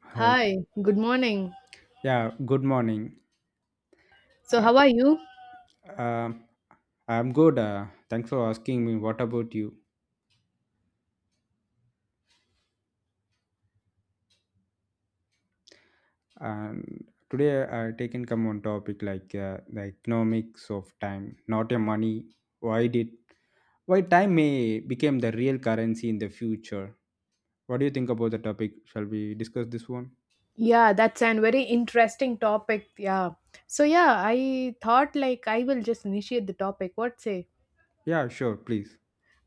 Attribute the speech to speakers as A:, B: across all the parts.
A: Hi.
B: Hi, good morning.
A: Yeah, good morning.
B: So,
A: Uh,
B: how are you?
A: um, I'm good. Thanks for asking me. What about you? And today I taken come on topic like the economics of time, not your money. Why did why time may become the real currency in the future? What do you think about the topic? Shall we discuss this one?
B: Yeah, that's an very interesting topic. Yeah. So, yeah, I thought like I will just initiate the topic. What say?
A: Yeah, sure, please.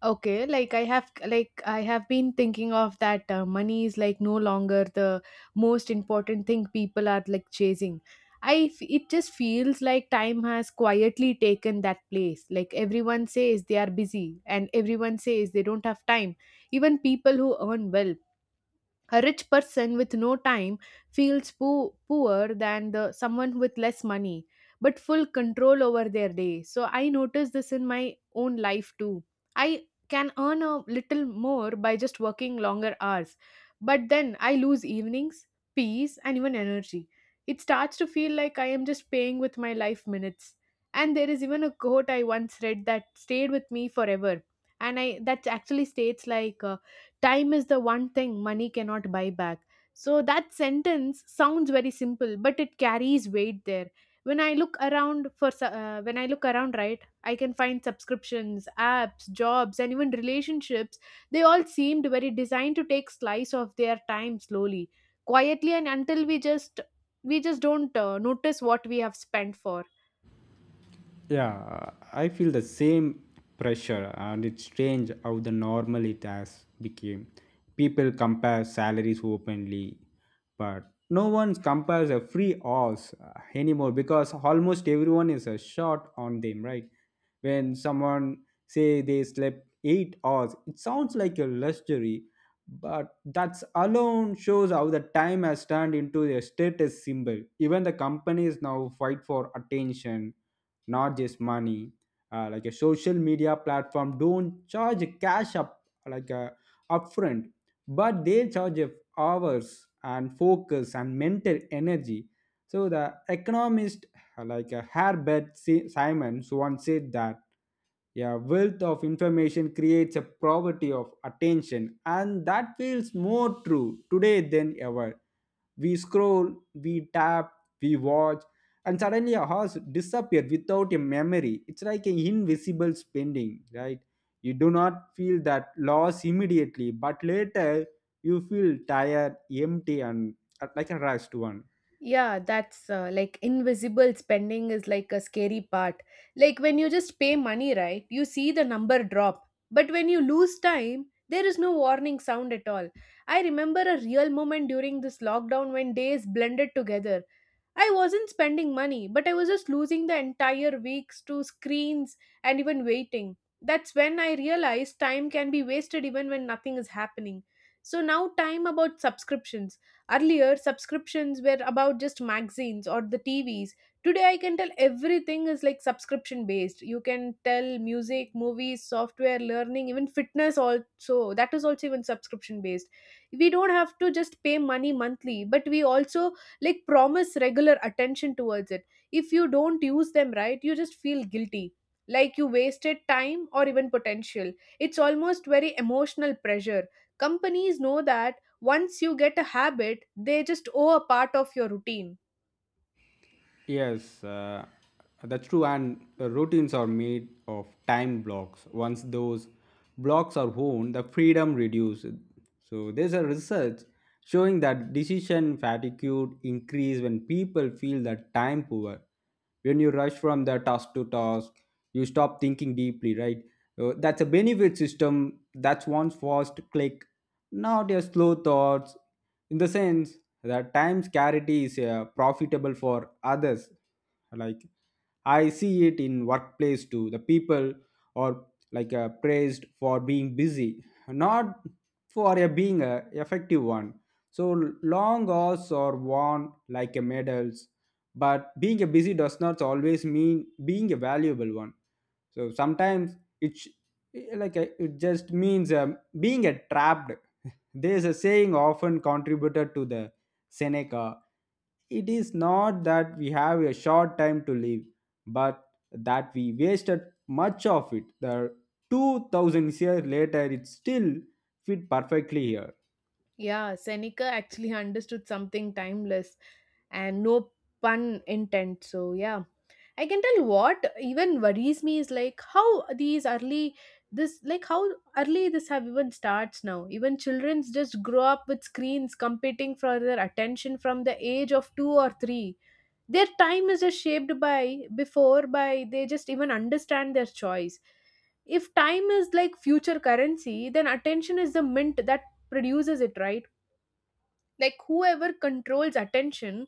B: Okay, like I have been thinking of that money is like no longer the most important thing people are like chasing. It just feels like time has quietly taken that place. Like everyone says they are busy and everyone says they don't have time. Even people who earn well, a rich person with no time feels poorer than the someone with less money but full control over their day. So I noticed this in my own life too. I can earn a little more by just working longer hours, but then I lose evenings, peace and even energy. It starts to feel like I am just paying with my life minutes. And there is even a quote I once read that stayed with me forever, and I that actually states like time is the one thing money cannot buy back. So that sentence sounds very simple, but it carries weight there. When I look around when I look around, right, I can find subscriptions, apps, jobs, and even relationships. They all seemed very designed to take slice of their time slowly, quietly, and until we just don't notice what we have spent for.
A: Yeah, I feel the same pressure, and it's strange how the normal it has become. People compare salaries openly, but no one compares a free horse anymore because almost everyone is a shot on them, right? When someone say they slept 8 hours, it sounds like a luxury, but that's alone shows how the time has turned into a status symbol. Even the companies now fight for attention, not just money, like a social media platform don't charge cash up like upfront, but they charge of hours and focus and mental energy. So the economist, Herbert Simon once said that, yeah, wealth of information creates a poverty of attention, and that feels more true today than ever. We scroll, we tap, we watch, and suddenly a horse disappeared without a memory. It's like an invisible spending, right? You do not feel that loss immediately, but later you feel tired, empty, and like a rushed one.
B: Yeah, that's like invisible spending is like a scary part. Like when you just pay money, right? You see the number drop. But when you lose time, there is no warning sound at all. I remember a real moment during this lockdown when days blended together. I wasn't spending money, but I was just losing the entire weeks to screens and even waiting. That's when I realized time can be wasted even when nothing is happening. So now, time about subscriptions. Earlier, subscriptions were about just magazines or the TVs. Today, I can tell everything is like subscription based. You can tell music, movies, software, learning, even fitness, also. That is also even subscription based. We don't have to just pay money monthly, but we also like promise regular attention towards it. If you don't use them right, you just feel guilty, like you wasted time or even potential. It's almost very emotional pressure. Companies know that once you get a habit, they just owe a part of your routine.
A: Yes, that's true. And routines are made of time blocks. Once those blocks are worn, the freedom reduces. So there's a research showing that decision fatigue increase when people feel that time poor. When you rush from the task to task, you stop thinking deeply, right? That's a benefit system, that's one fast click, not your slow thoughts. In the sense that time scarcity is profitable for others, like, I see it in workplace too. The people are like praised for being busy, not for a being a effective one. So long hours are worn like a medals, but being a busy does not always mean being a valuable one. So sometimes it sh- like it just means being a trapped. There is a saying often contributed to the Seneca. It is not that we have a short time to live, but that we wasted much of it. The 2000 years later, it still fit perfectly here.
B: Yeah, Seneca actually understood something timeless, and no pun intent. So yeah, I can tell what even worries me is like how early this have even starts now. Even children's just grow up with screens competing for their attention from the age of two or three. Their time is just shaped by before by they just even understand their choice. If time is like future currency, then attention is the mint that produces it, right? Like whoever controls attention,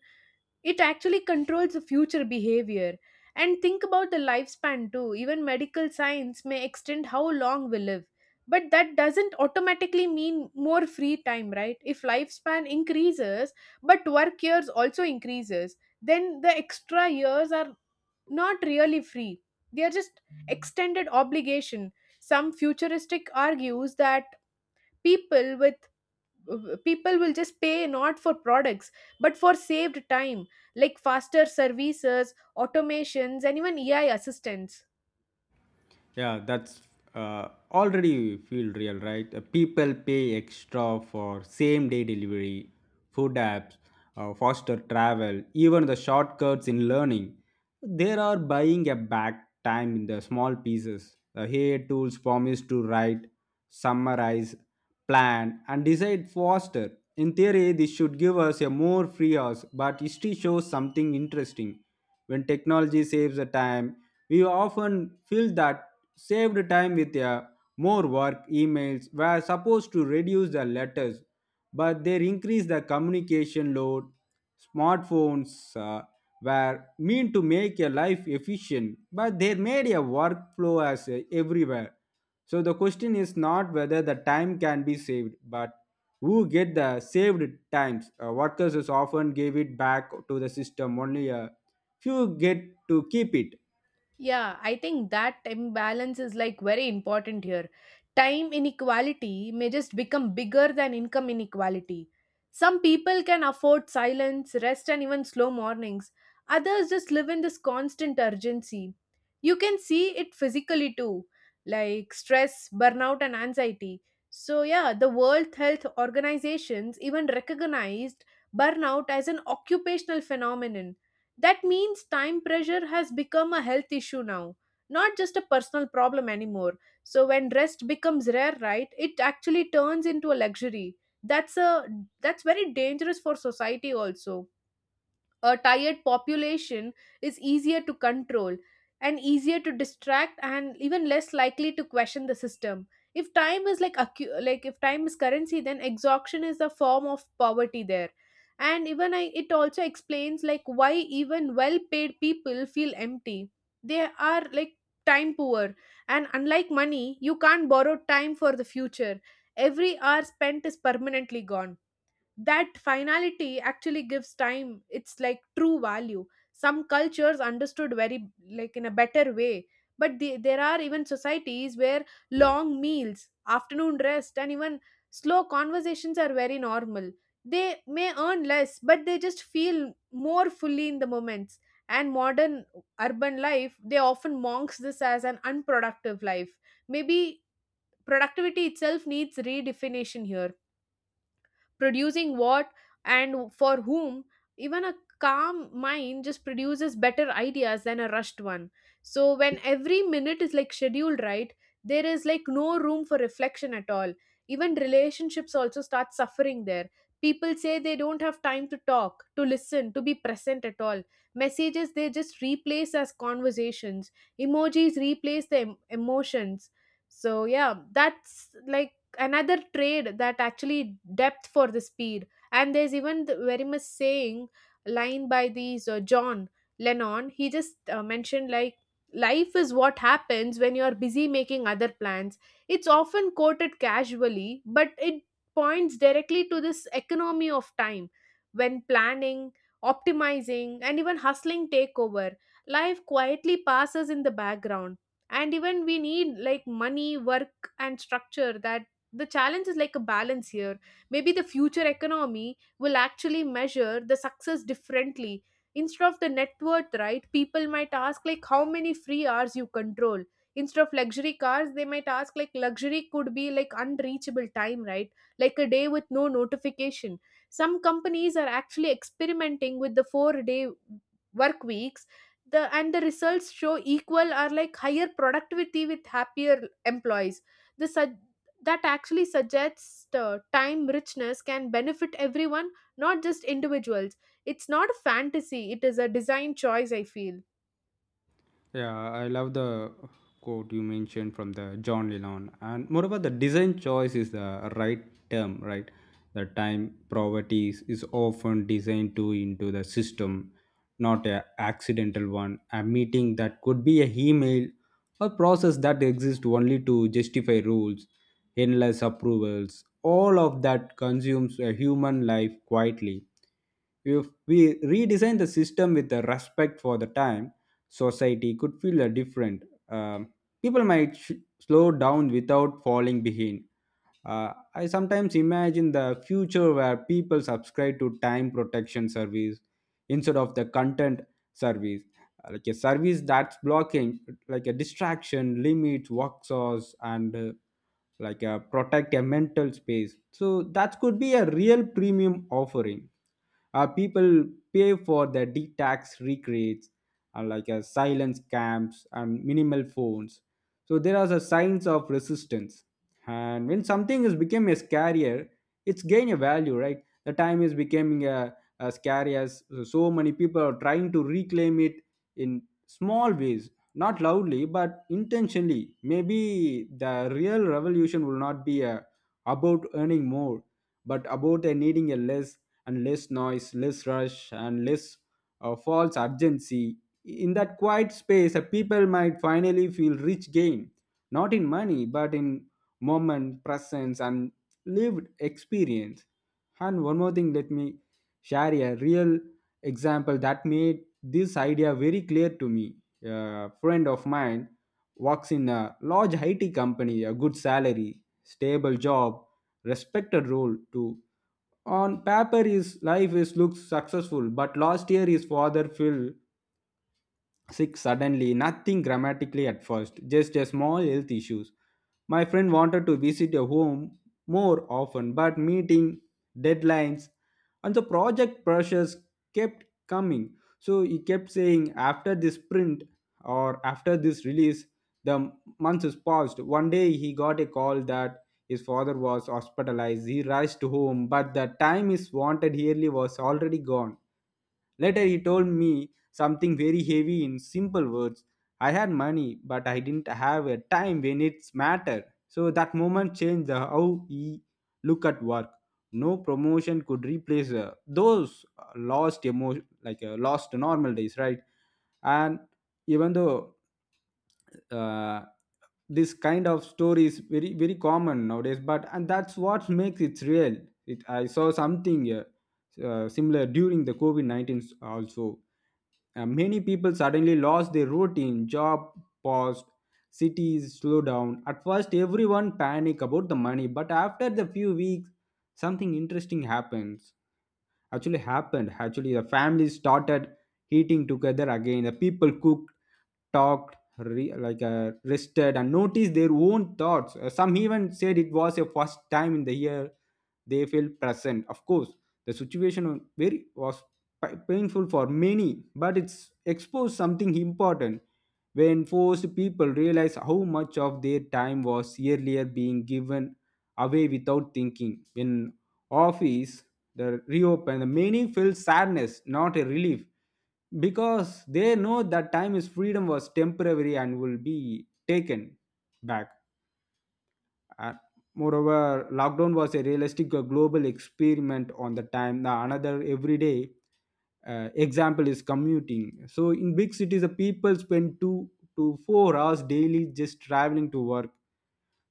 B: it actually controls the future behavior. And think about the lifespan too. Even medical science may extend how long we live, but that doesn't automatically mean more free time, right? If lifespan increases but work years also increases, then the extra years are not really free. They are just extended obligation. Some futuristic argues that people with people will just pay not for products but for saved time, like faster services, automations and even AI assistants.
A: Yeah, that's already feel real, right? People pay extra for same day delivery, food apps, faster travel, even the shortcuts in learning. They are buying a back time in the small pieces. The AI tools promise to write, summarize, plan, and decide faster. In theory, this should give us a more free hours, but history shows something interesting. When technology saves the time, we often fill that saved time with a more work. Emails were supposed to reduce the letters, but they increase the communication load. Smartphones were meant to make your life efficient, but they made a workflow as everywhere. So the question is not whether the time can be saved, but who get the saved times. Workers is often give it back to the system only. You get to keep it.
B: Yeah, I think that imbalance is like very important here. Time inequality may just become bigger than income inequality. Some people can afford silence, rest, and even slow mornings. Others just live in this constant urgency. You can see it physically too, like stress, burnout, and anxiety. So, yeah, the World Health Organizations even recognized burnout as an occupational phenomenon. That means time pressure has become a health issue now, not just a personal problem anymore. So when rest becomes rare, right, it actually turns into a luxury. That's a that's very dangerous for society also. A tired population is easier to control and easier to distract and even less likely to question the system. If time is like accu- like if time is currency, then exhaustion is a form of poverty there. And even I, it also explains like why even well paid people feel empty. They are like time poor. And unlike money, you can't borrow time for the future. Every hour spent is permanently gone. That finality actually gives time it's like true value. Some cultures understood very like in a better way. But there are even societies where long meals, afternoon rest and even slow conversations are very normal. They may earn less, but they just feel more fully in the moments. And modern urban life, they often monks this as an unproductive life. Maybe productivity itself needs redefinition here. Producing what, and for whom? Even a calm mind just produces better ideas than a rushed one. So when every minute is like scheduled, right, there is like no room for reflection at all. Even relationships also start suffering there. People say they don't have time to talk, to listen, to be present at all. Messages they just replace as conversations. Emojis replace the emotions. So yeah, that's like another trade that actually depth for the speed. And there's even the very much saying line by these John Lennon. He just mentioned like life is what happens when you are busy making other plans. It's often quoted casually, but it points directly to this economy of time. When planning, optimizing and even hustling take over, life quietly passes in the background. And even we need like money, work and structure. That the challenge is like a balance here. Maybe the future economy will actually measure the success differently. Instead of the net worth, right, people might ask like how many free hours you control. Instead of luxury cars, they might ask like luxury could be like unreachable time, right? Like a day with no notification. Some companies are actually experimenting with the four-day work weeks. The and the results show equal or like higher productivity with happier employees. the sug- that actually suggests time richness can benefit everyone, not just individuals. It's not a fantasy, it is a design choice, I feel.
A: Yeah, I love the quote you mentioned from the John Lennon, and moreover, the design choice is the right term, right? The time poverty is often designed to into the system, not a accidental one. A meeting that could be a email or process that exists only to justify rules, endless approvals. All of that consumes a human life quietly. If we redesign the system with the respect for the time, society could feel a different. Um, People might slow down without falling behind. I sometimes imagine the future where people subscribe to time protection service instead of the content service, like a service that's blocking, like a distraction, limits, work source, and like a protect a mental space. So that could be a real premium offering. People pay for the detox recreates, silence camps and minimal phones. So there are the signs of resistance, and when something is become a scarier, it's gain a value, right? The time is becoming a scary as so many people are trying to reclaim it in small ways, not loudly but intentionally. Maybe the real revolution will not be a, about earning more, but about a needing a less, and less noise, less rush, and less false urgency. In that quiet space, people might finally feel rich gain, not in money, but in moment, presence, and lived experience. And one more thing, let me share a real example that made this idea very clear to me. A friend of mine works in a large IT company, a good salary, stable job, respected role too. On paper, his life is looks successful, but last year his father fell sick suddenly, nothing dramatically at first, just a small health issues. My friend wanted to visit a home more often, but meeting deadlines and the project pressures kept coming. So he kept saying, after this sprint or after this release, the months is passed. One day he got a call that his father was hospitalized. He rushed home, but the time he wanted yearly was already gone. Later, he told me something very heavy in simple words. I had money, but I didn't have a time when it's mattered. So that moment changed the how he look at work. No promotion could replace those lost emo, like lost normal days, right? And even though uh, this kind of story is very common nowadays, but and that's what makes it real. I saw something similar during the covid-19 also. Many people suddenly lost their routine, job paused, cities slow down. At first everyone panic about the money, but after the few weeks something interesting happens actually happened actually the families started eating together again. The people cooked, talked, rested, and noticed their own thoughts. Some even said it was a first time in the year they felt present. Of course the situation was was painful for many, but it's exposed something important. When forced, people realize how much of their time was earlier being given away without thinking. When office the reopen, the meaning feels sadness, not a relief, because they know that time is freedom was temporary and will be taken back. Uh, Moreover, lockdown was a realistic global experiment on the time. Now another everyday example is commuting. So in big cities, the people spend 2 to 4 hours daily just traveling to work.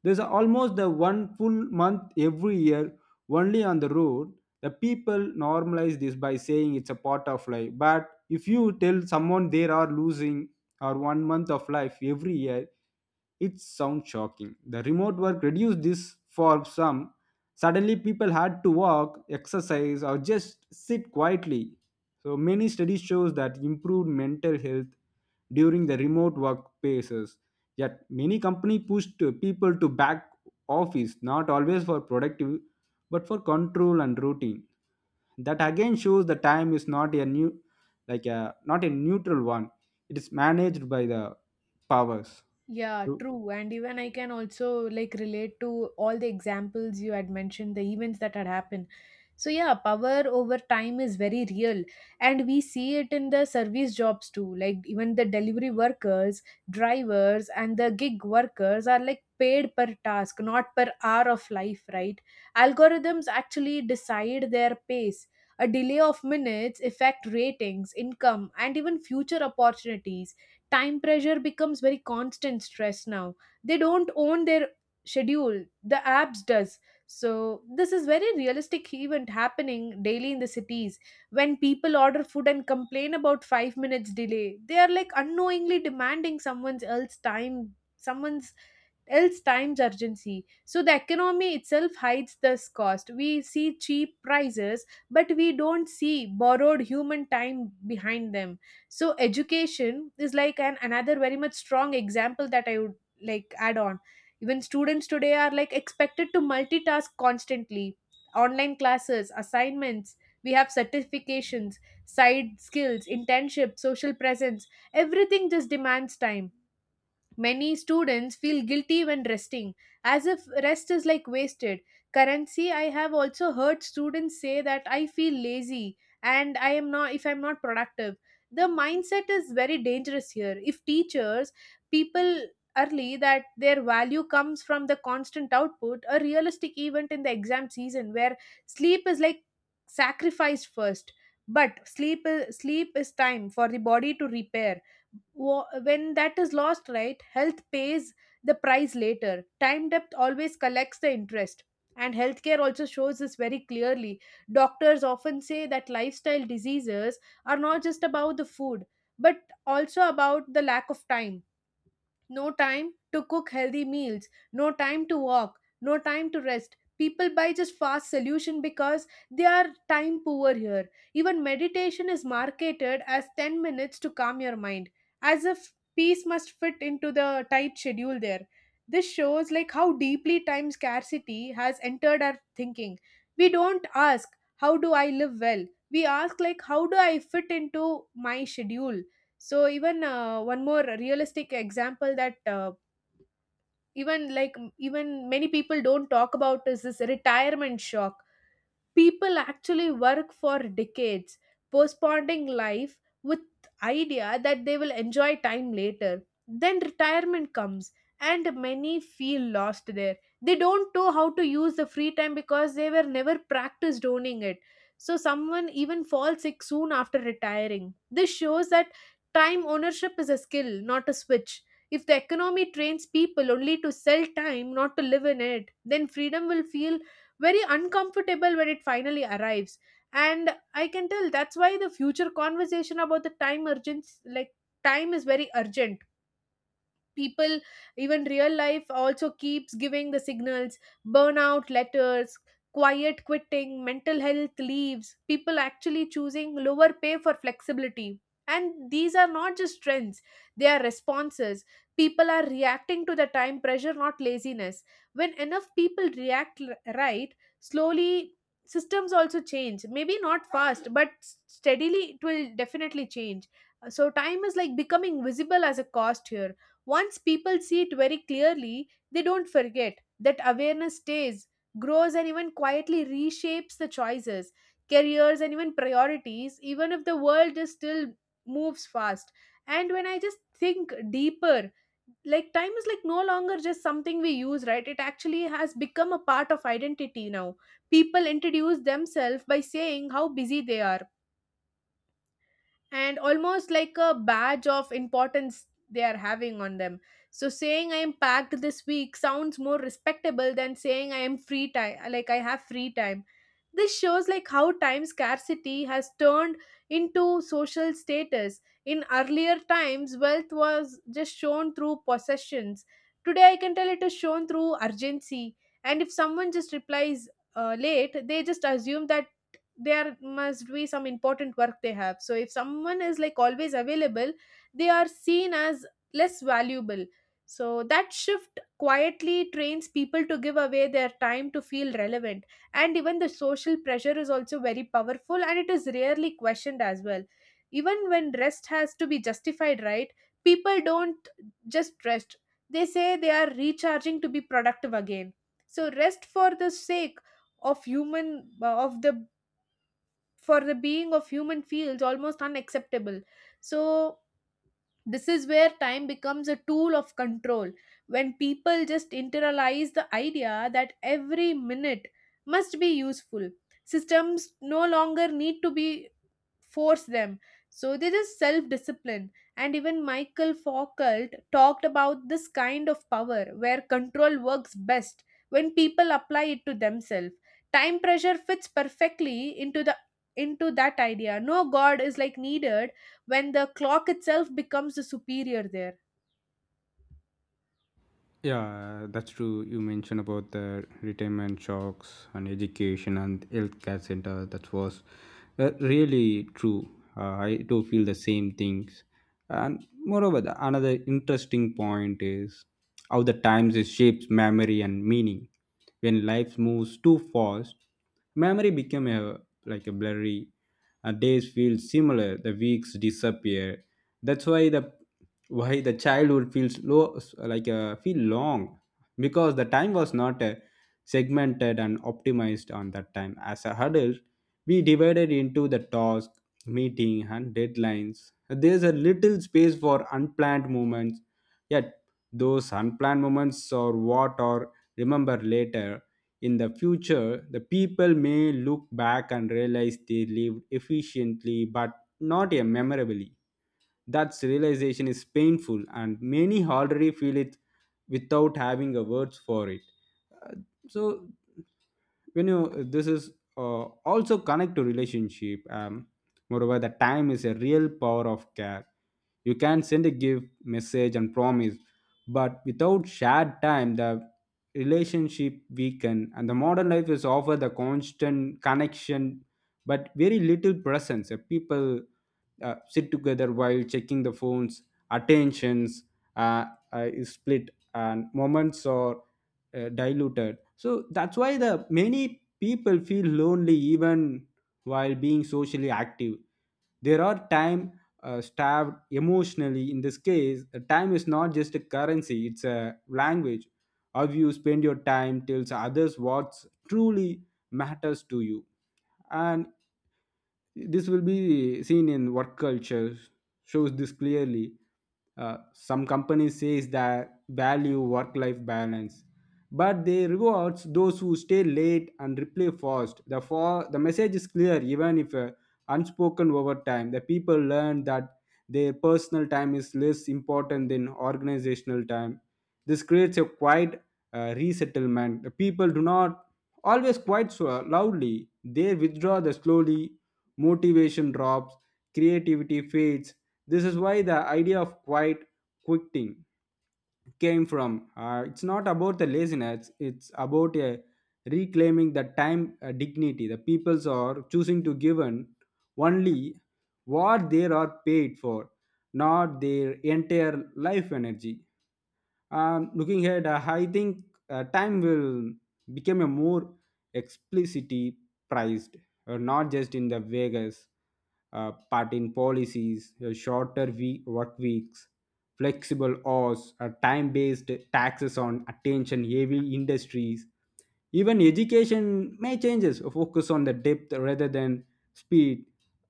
A: There's almost the one full month every year only on the road. The people normalize this by saying it's a part of life. But if you tell someone they are losing or one month of life every year, it sounds shocking. The remote work reduced this for some. Suddenly, people had to walk, exercise, or just sit quietly. So many studies shows that improved mental health during the remote work phases. Yet many company pushed people to back office, not always for productive, but for control and routine. That again shows the time is not a new, like a not a neutral one. It is managed by the powers.
B: Yeah,
A: So,
B: true. And even I can also like relate to all the examples you had mentioned, the events that had happened. So, yeah, power over time is very real. And we see it in the service jobs too. Like, even the delivery workers, drivers, and the gig workers are like paid per task, not per hour of life, right? Algorithms actually decide their pace. A delay of minutes affect ratings, income, and even future opportunities. Time pressure becomes very constant stress now. They don't own their schedule, the apps does. So this is very realistic event happening daily in the cities. When people order food and complain about 5 minutes delay, they are like unknowingly demanding someone else's time, someone's else time's urgency. So the economy itself hides this cost. We see cheap prices, but we don't see borrowed human time behind them. So education is like an another very much strong example that I would like add on. Even students today are like expected to multitask constantly. Online classes, assignments, we have certifications, side skills, internship, social presence, everything just demands time. Many students feel guilty when resting, as if rest is like wasted. Currency, I have also heard students say that I feel lazy and I am not if I'm not productive. The mindset is very dangerous here. If teachers, people early that their value comes from the constant output, a realistic event in the exam season where sleep is like sacrificed first. But sleep is time for the body to repair. When that is lost, right, health pays the price later. Time depth always collects the interest. And healthcare also shows this very clearly. Doctors often say that lifestyle diseases are not just about the food, but also about the lack of time. No time to cook healthy meals, no time to walk, no time to rest. People buy just fast solution because they are time poor here. Even meditation is marketed as 10 minutes to calm your mind, as if peace must fit into the tight schedule there. This shows like how deeply time scarcity has entered our thinking. We don't ask how do I live well? We ask like how do I fit into my schedule? So even one more realistic example that even many people don't talk about is this retirement shock. People actually work for decades postponing life with idea that they will enjoy time later. Then retirement comes and many feel lost there. They don't know how to use the free time because they were never practiced owning it. So someone even falls sick soon after retiring. This shows that time ownership is a skill, not a switch. If the economy trains people only to sell time, not to live in it, then freedom will feel very uncomfortable when it finally arrives. And I can tell that's why the future conversation about the time urgency, like time is very urgent. People, even real life also keeps giving the signals: burnout letters, quiet quitting, mental health leaves, people actually choosing lower pay for flexibility. And these are not just trends, they are responses. People are reacting to the time pressure, not laziness. When enough people react right, slowly systems also change, maybe not fast, but steadily it will definitely change. So time is like becoming visible as a cost here. Once people see it very clearly, they don't forget. That awareness stays, grows, and even quietly reshapes the choices, careers, and even priorities, even if the world is still moves fast. And when I just think deeper, like time is like no longer just something we use, right, it actually has become a part of identity now. People introduce themselves by saying how busy they are, and almost like a badge of importance they are having on them. So saying I am packed this week sounds more respectable than saying I am free time, like I have free time. This shows like how time scarcity has turned into social status. In earlier times wealth was just shown through possessions. Today I can tell it is shown through urgency. And if someone just replies late, they just assume that there must be some important work they have. So if someone is like always available, they are seen as less valuable. So that shift quietly trains people to give away their time to feel relevant. And even the social pressure is also very powerful, and it is rarely questioned as well. Even when rest has to be justified, right, people don't just rest. They say they are recharging to be productive again. So rest for the sake of human, of the, for the being of human feels almost unacceptable. So this is where time becomes a tool of control. When people just internalize the idea that every minute must be useful, systems no longer need to be force them. So there is self discipline. And even Michael Foucault talked about this kind of power where control works best when people apply it to themselves. Time pressure fits perfectly into the, into that idea. No god is like needed when the clock itself becomes the superior there.
A: yeah, that's true. You mentioned about the retirement shocks and education and health care center. That was really true. I do feel the same things. And moreover, the, another interesting point is how the times it shapes memory and meaning. When life moves too fast, memory become a like a blurry. Days feel similar. The weeks disappear. That's why the Why the childhood feels low feel long, because the time was not segmented and optimized on that time. As a adult, we divided into the task, meeting, and deadlines. There's a little space for unplanned moments, yet those unplanned moments are what are remembered later. In the future, the people may look back and realize they lived efficiently, but not memorably. That realization is painful, and many already feel it without having a words for it. Uh, so when you this is also connect to relationship. Moreover, the time is a real power of care. You can send a gift, message, and promise, but without shared time the relationship weaken. And the modern life is offer the constant connection, but very little presence. People sit together while checking the phones, attentions uh, is split, and moments are diluted. So that's why the many people feel lonely even while being socially active. There are time starved emotionally. In this case, time is not just a currency; it's a language. How you spend your time tells others what truly matters to you. And this will be seen in work culture, shows this clearly. Some companies says that value work-life balance, but they rewards those who stay late and reply fast. The for the message is clear, even if unspoken over time. The people learn that their personal time is less important than organizational time. This creates a quiet resettlement. The people do not always quite so loudly. They withdraw the slowly motivation drops, creativity fades. This is why the idea of quiet quitting came from. It's not about the laziness, it's about a reclaiming the time dignity. The peoples are choosing to give in only what they are paid for, not their entire life energy. Looking ahead, I think time will become a more explicitly priced not just in the Vegas, but in policies, shorter work weeks, flexible hours, time based taxes on attention heavy industries. Even education may changes, focus on the depth rather than speed.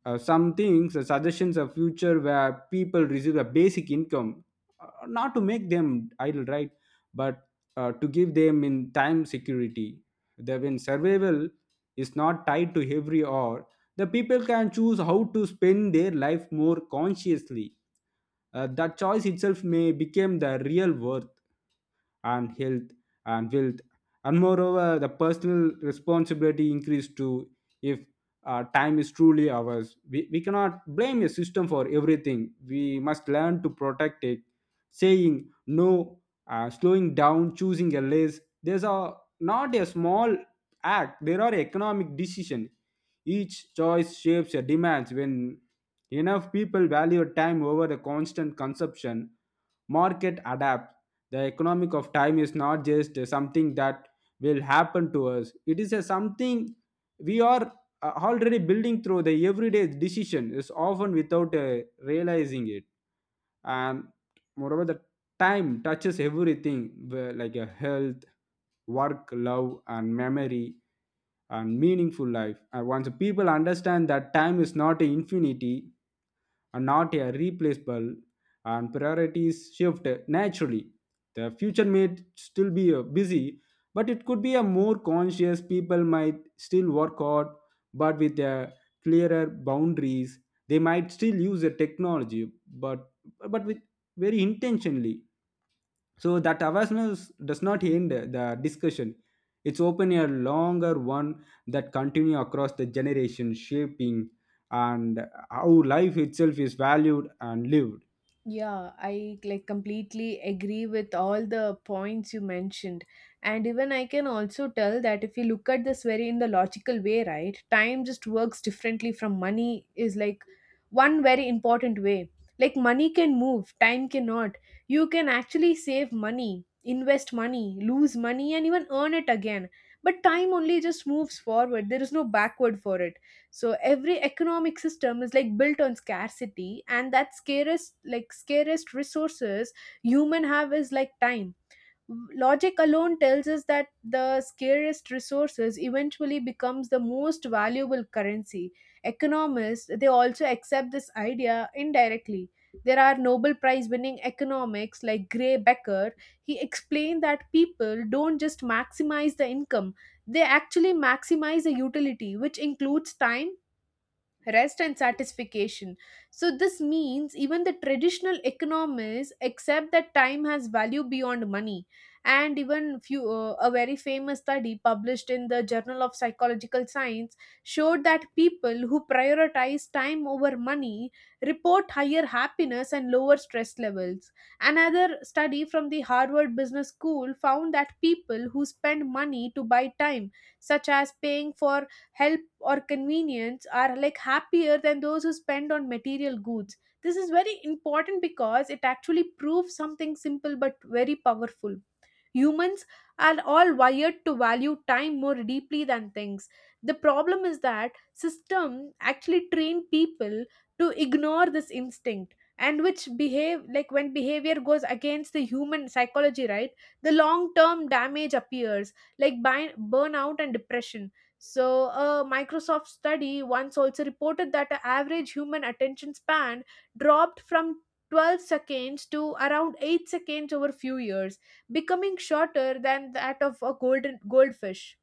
A: Some things, suggestions of future where people receive a basic income, not to make them idle, right? But to give them in time security that when survival is not tied to every hour the people can choose how to spend their life more consciously. That choice itself may become the real worth and health and wealth. And moreover, the personal responsibility increased too if time is truly ours. We cannot blame a system for everything. We must learn to protect it, saying no, slowing down, choosing a less. These are not a small act, there are economic decisions. Each choice shapes a demands when enough people value time over the constant consumption market adapts the economic of time is not just something that will happen to us it is a something we are already building through the everyday decision is often without realizing it. And moreover the time touches everything where like a health work love and memory and meaningful life and once people understand that time is not infinity are not a replaceable and priorities shift naturally. The future may still be busy, but it could be a more conscious people might still work hard, but with a clearer boundaries. They might still use the technology, but with very intentionally so that awareness does not end the discussion. It's open a longer one that continue across the generation, shaping and how life itself is valued and lived.
B: Yeah, I like completely agree with all the points you mentioned. And even I can also tell that if you look at this very in the logical way, right, time just works differently from money is like one very important way. Like money can move, time cannot. You can actually save money, invest money, lose money, and even earn it again. But time only just moves forward. There is no backward for it. So every economic system is like built on scarcity, and that scarest, like scarest resources human have is like time. Logic alone tells us that the scarest resources eventually becomes the most valuable currency. Economists, they also accept this idea indirectly. There are Nobel Prize winning economics like Gray Becker. He explained that people don't just maximize the income, they actually maximize the utility, which includes time, rest and satisfaction. So, this means even the traditional economists accept that time has value beyond money. And even few, a very famous study published in the Journal of Psychological Science showed that people who prioritize time over money report higher happiness and lower stress levels. Another study from the Harvard Business School found that people who spend money to buy time, such as paying for health or convenience, are like happier than those who spend on material goods. This is very important because it actually proves something simple but very powerful. Humans are all wired to value time more deeply than things. The problem is that system actually train people to ignore this instinct, and which behave like when behavior goes against the human psychology, right, the long term damage appears like by burnout and depression. So, a Microsoft study once also reported that the average human attention span dropped from 12 seconds to around 8 seconds over few years, becoming shorter than that of a golden goldfish.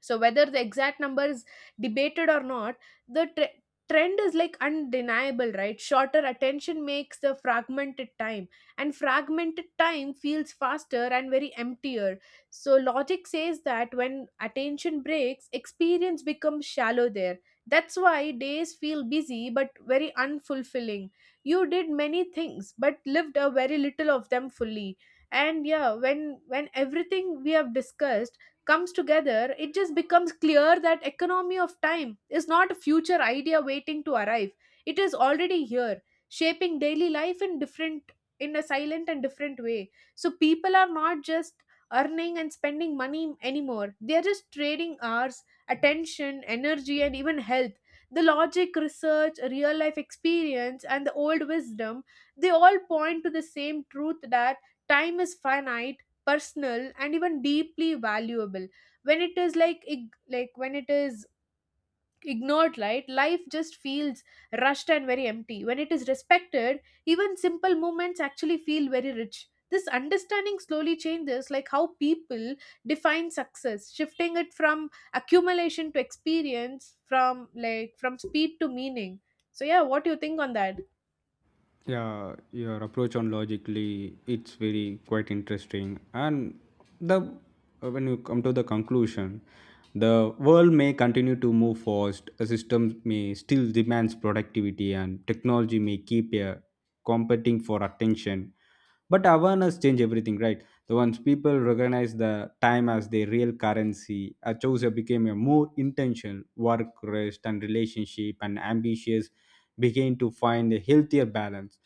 B: So whether the exact number is debated or not, the trend is like undeniable, right. Shorter attention makes the fragmented time, and fragmented time feels faster and very emptier. So logic says that when attention breaks, experience becomes shallow there. That's why days feel busy but very unfulfilling. You did many things but lived a very little of them fully. And yeah, when everything we have discussed comes together, it just becomes clear that economy of time is not a future idea waiting to arrive, it is already here, shaping daily life in different, in a silent and different way. So people are not just earning and spending money anymore, they are just trading hours, attention, energy, and even health. The logic, research, real life experience and the old wisdom, they all point to the same truth that time is finite, personal, and even deeply valuable. When it is when it is ignored, right, life just feels rushed and very empty. When it is respected, even simple moments actually feel very rich. This understanding slowly changes like how people define success, shifting it from accumulation to experience, from speed to meaning. So yeah, what do you think on that?
A: Yeah, your approach on logically it's very quite interesting. And the when you come to the conclusion, the world may continue to move fast. A system may still demands productivity, and technology may keep a competing for attention. But awareness change everything, right? So once people recognize the time as their real currency, a chooser became a more intentional work, rest, and relationship, and ambitious begin to find a healthier balance.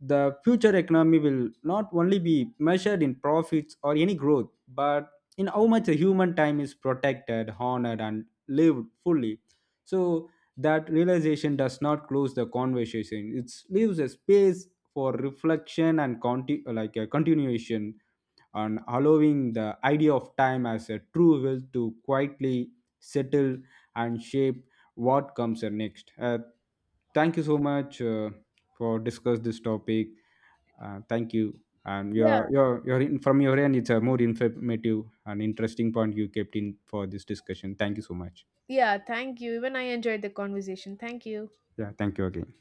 A: The future economy will not only be measured in profits or any growth, but in how much the human time is protected, honored, and lived fully. So that realization does not close the conversation. It leaves a space for reflection and like a continuation and allowing the idea of time as a true will to quietly settle and shape what comes next. Thank you so much for discuss this topic. Thank you, and
B: Yeah,
A: from your end, it's a more informative and interesting point you kept in for this discussion. Thank you so much.
B: yeah, thank you, even I enjoyed the conversation. Thank you.
A: Yeah, thank you again.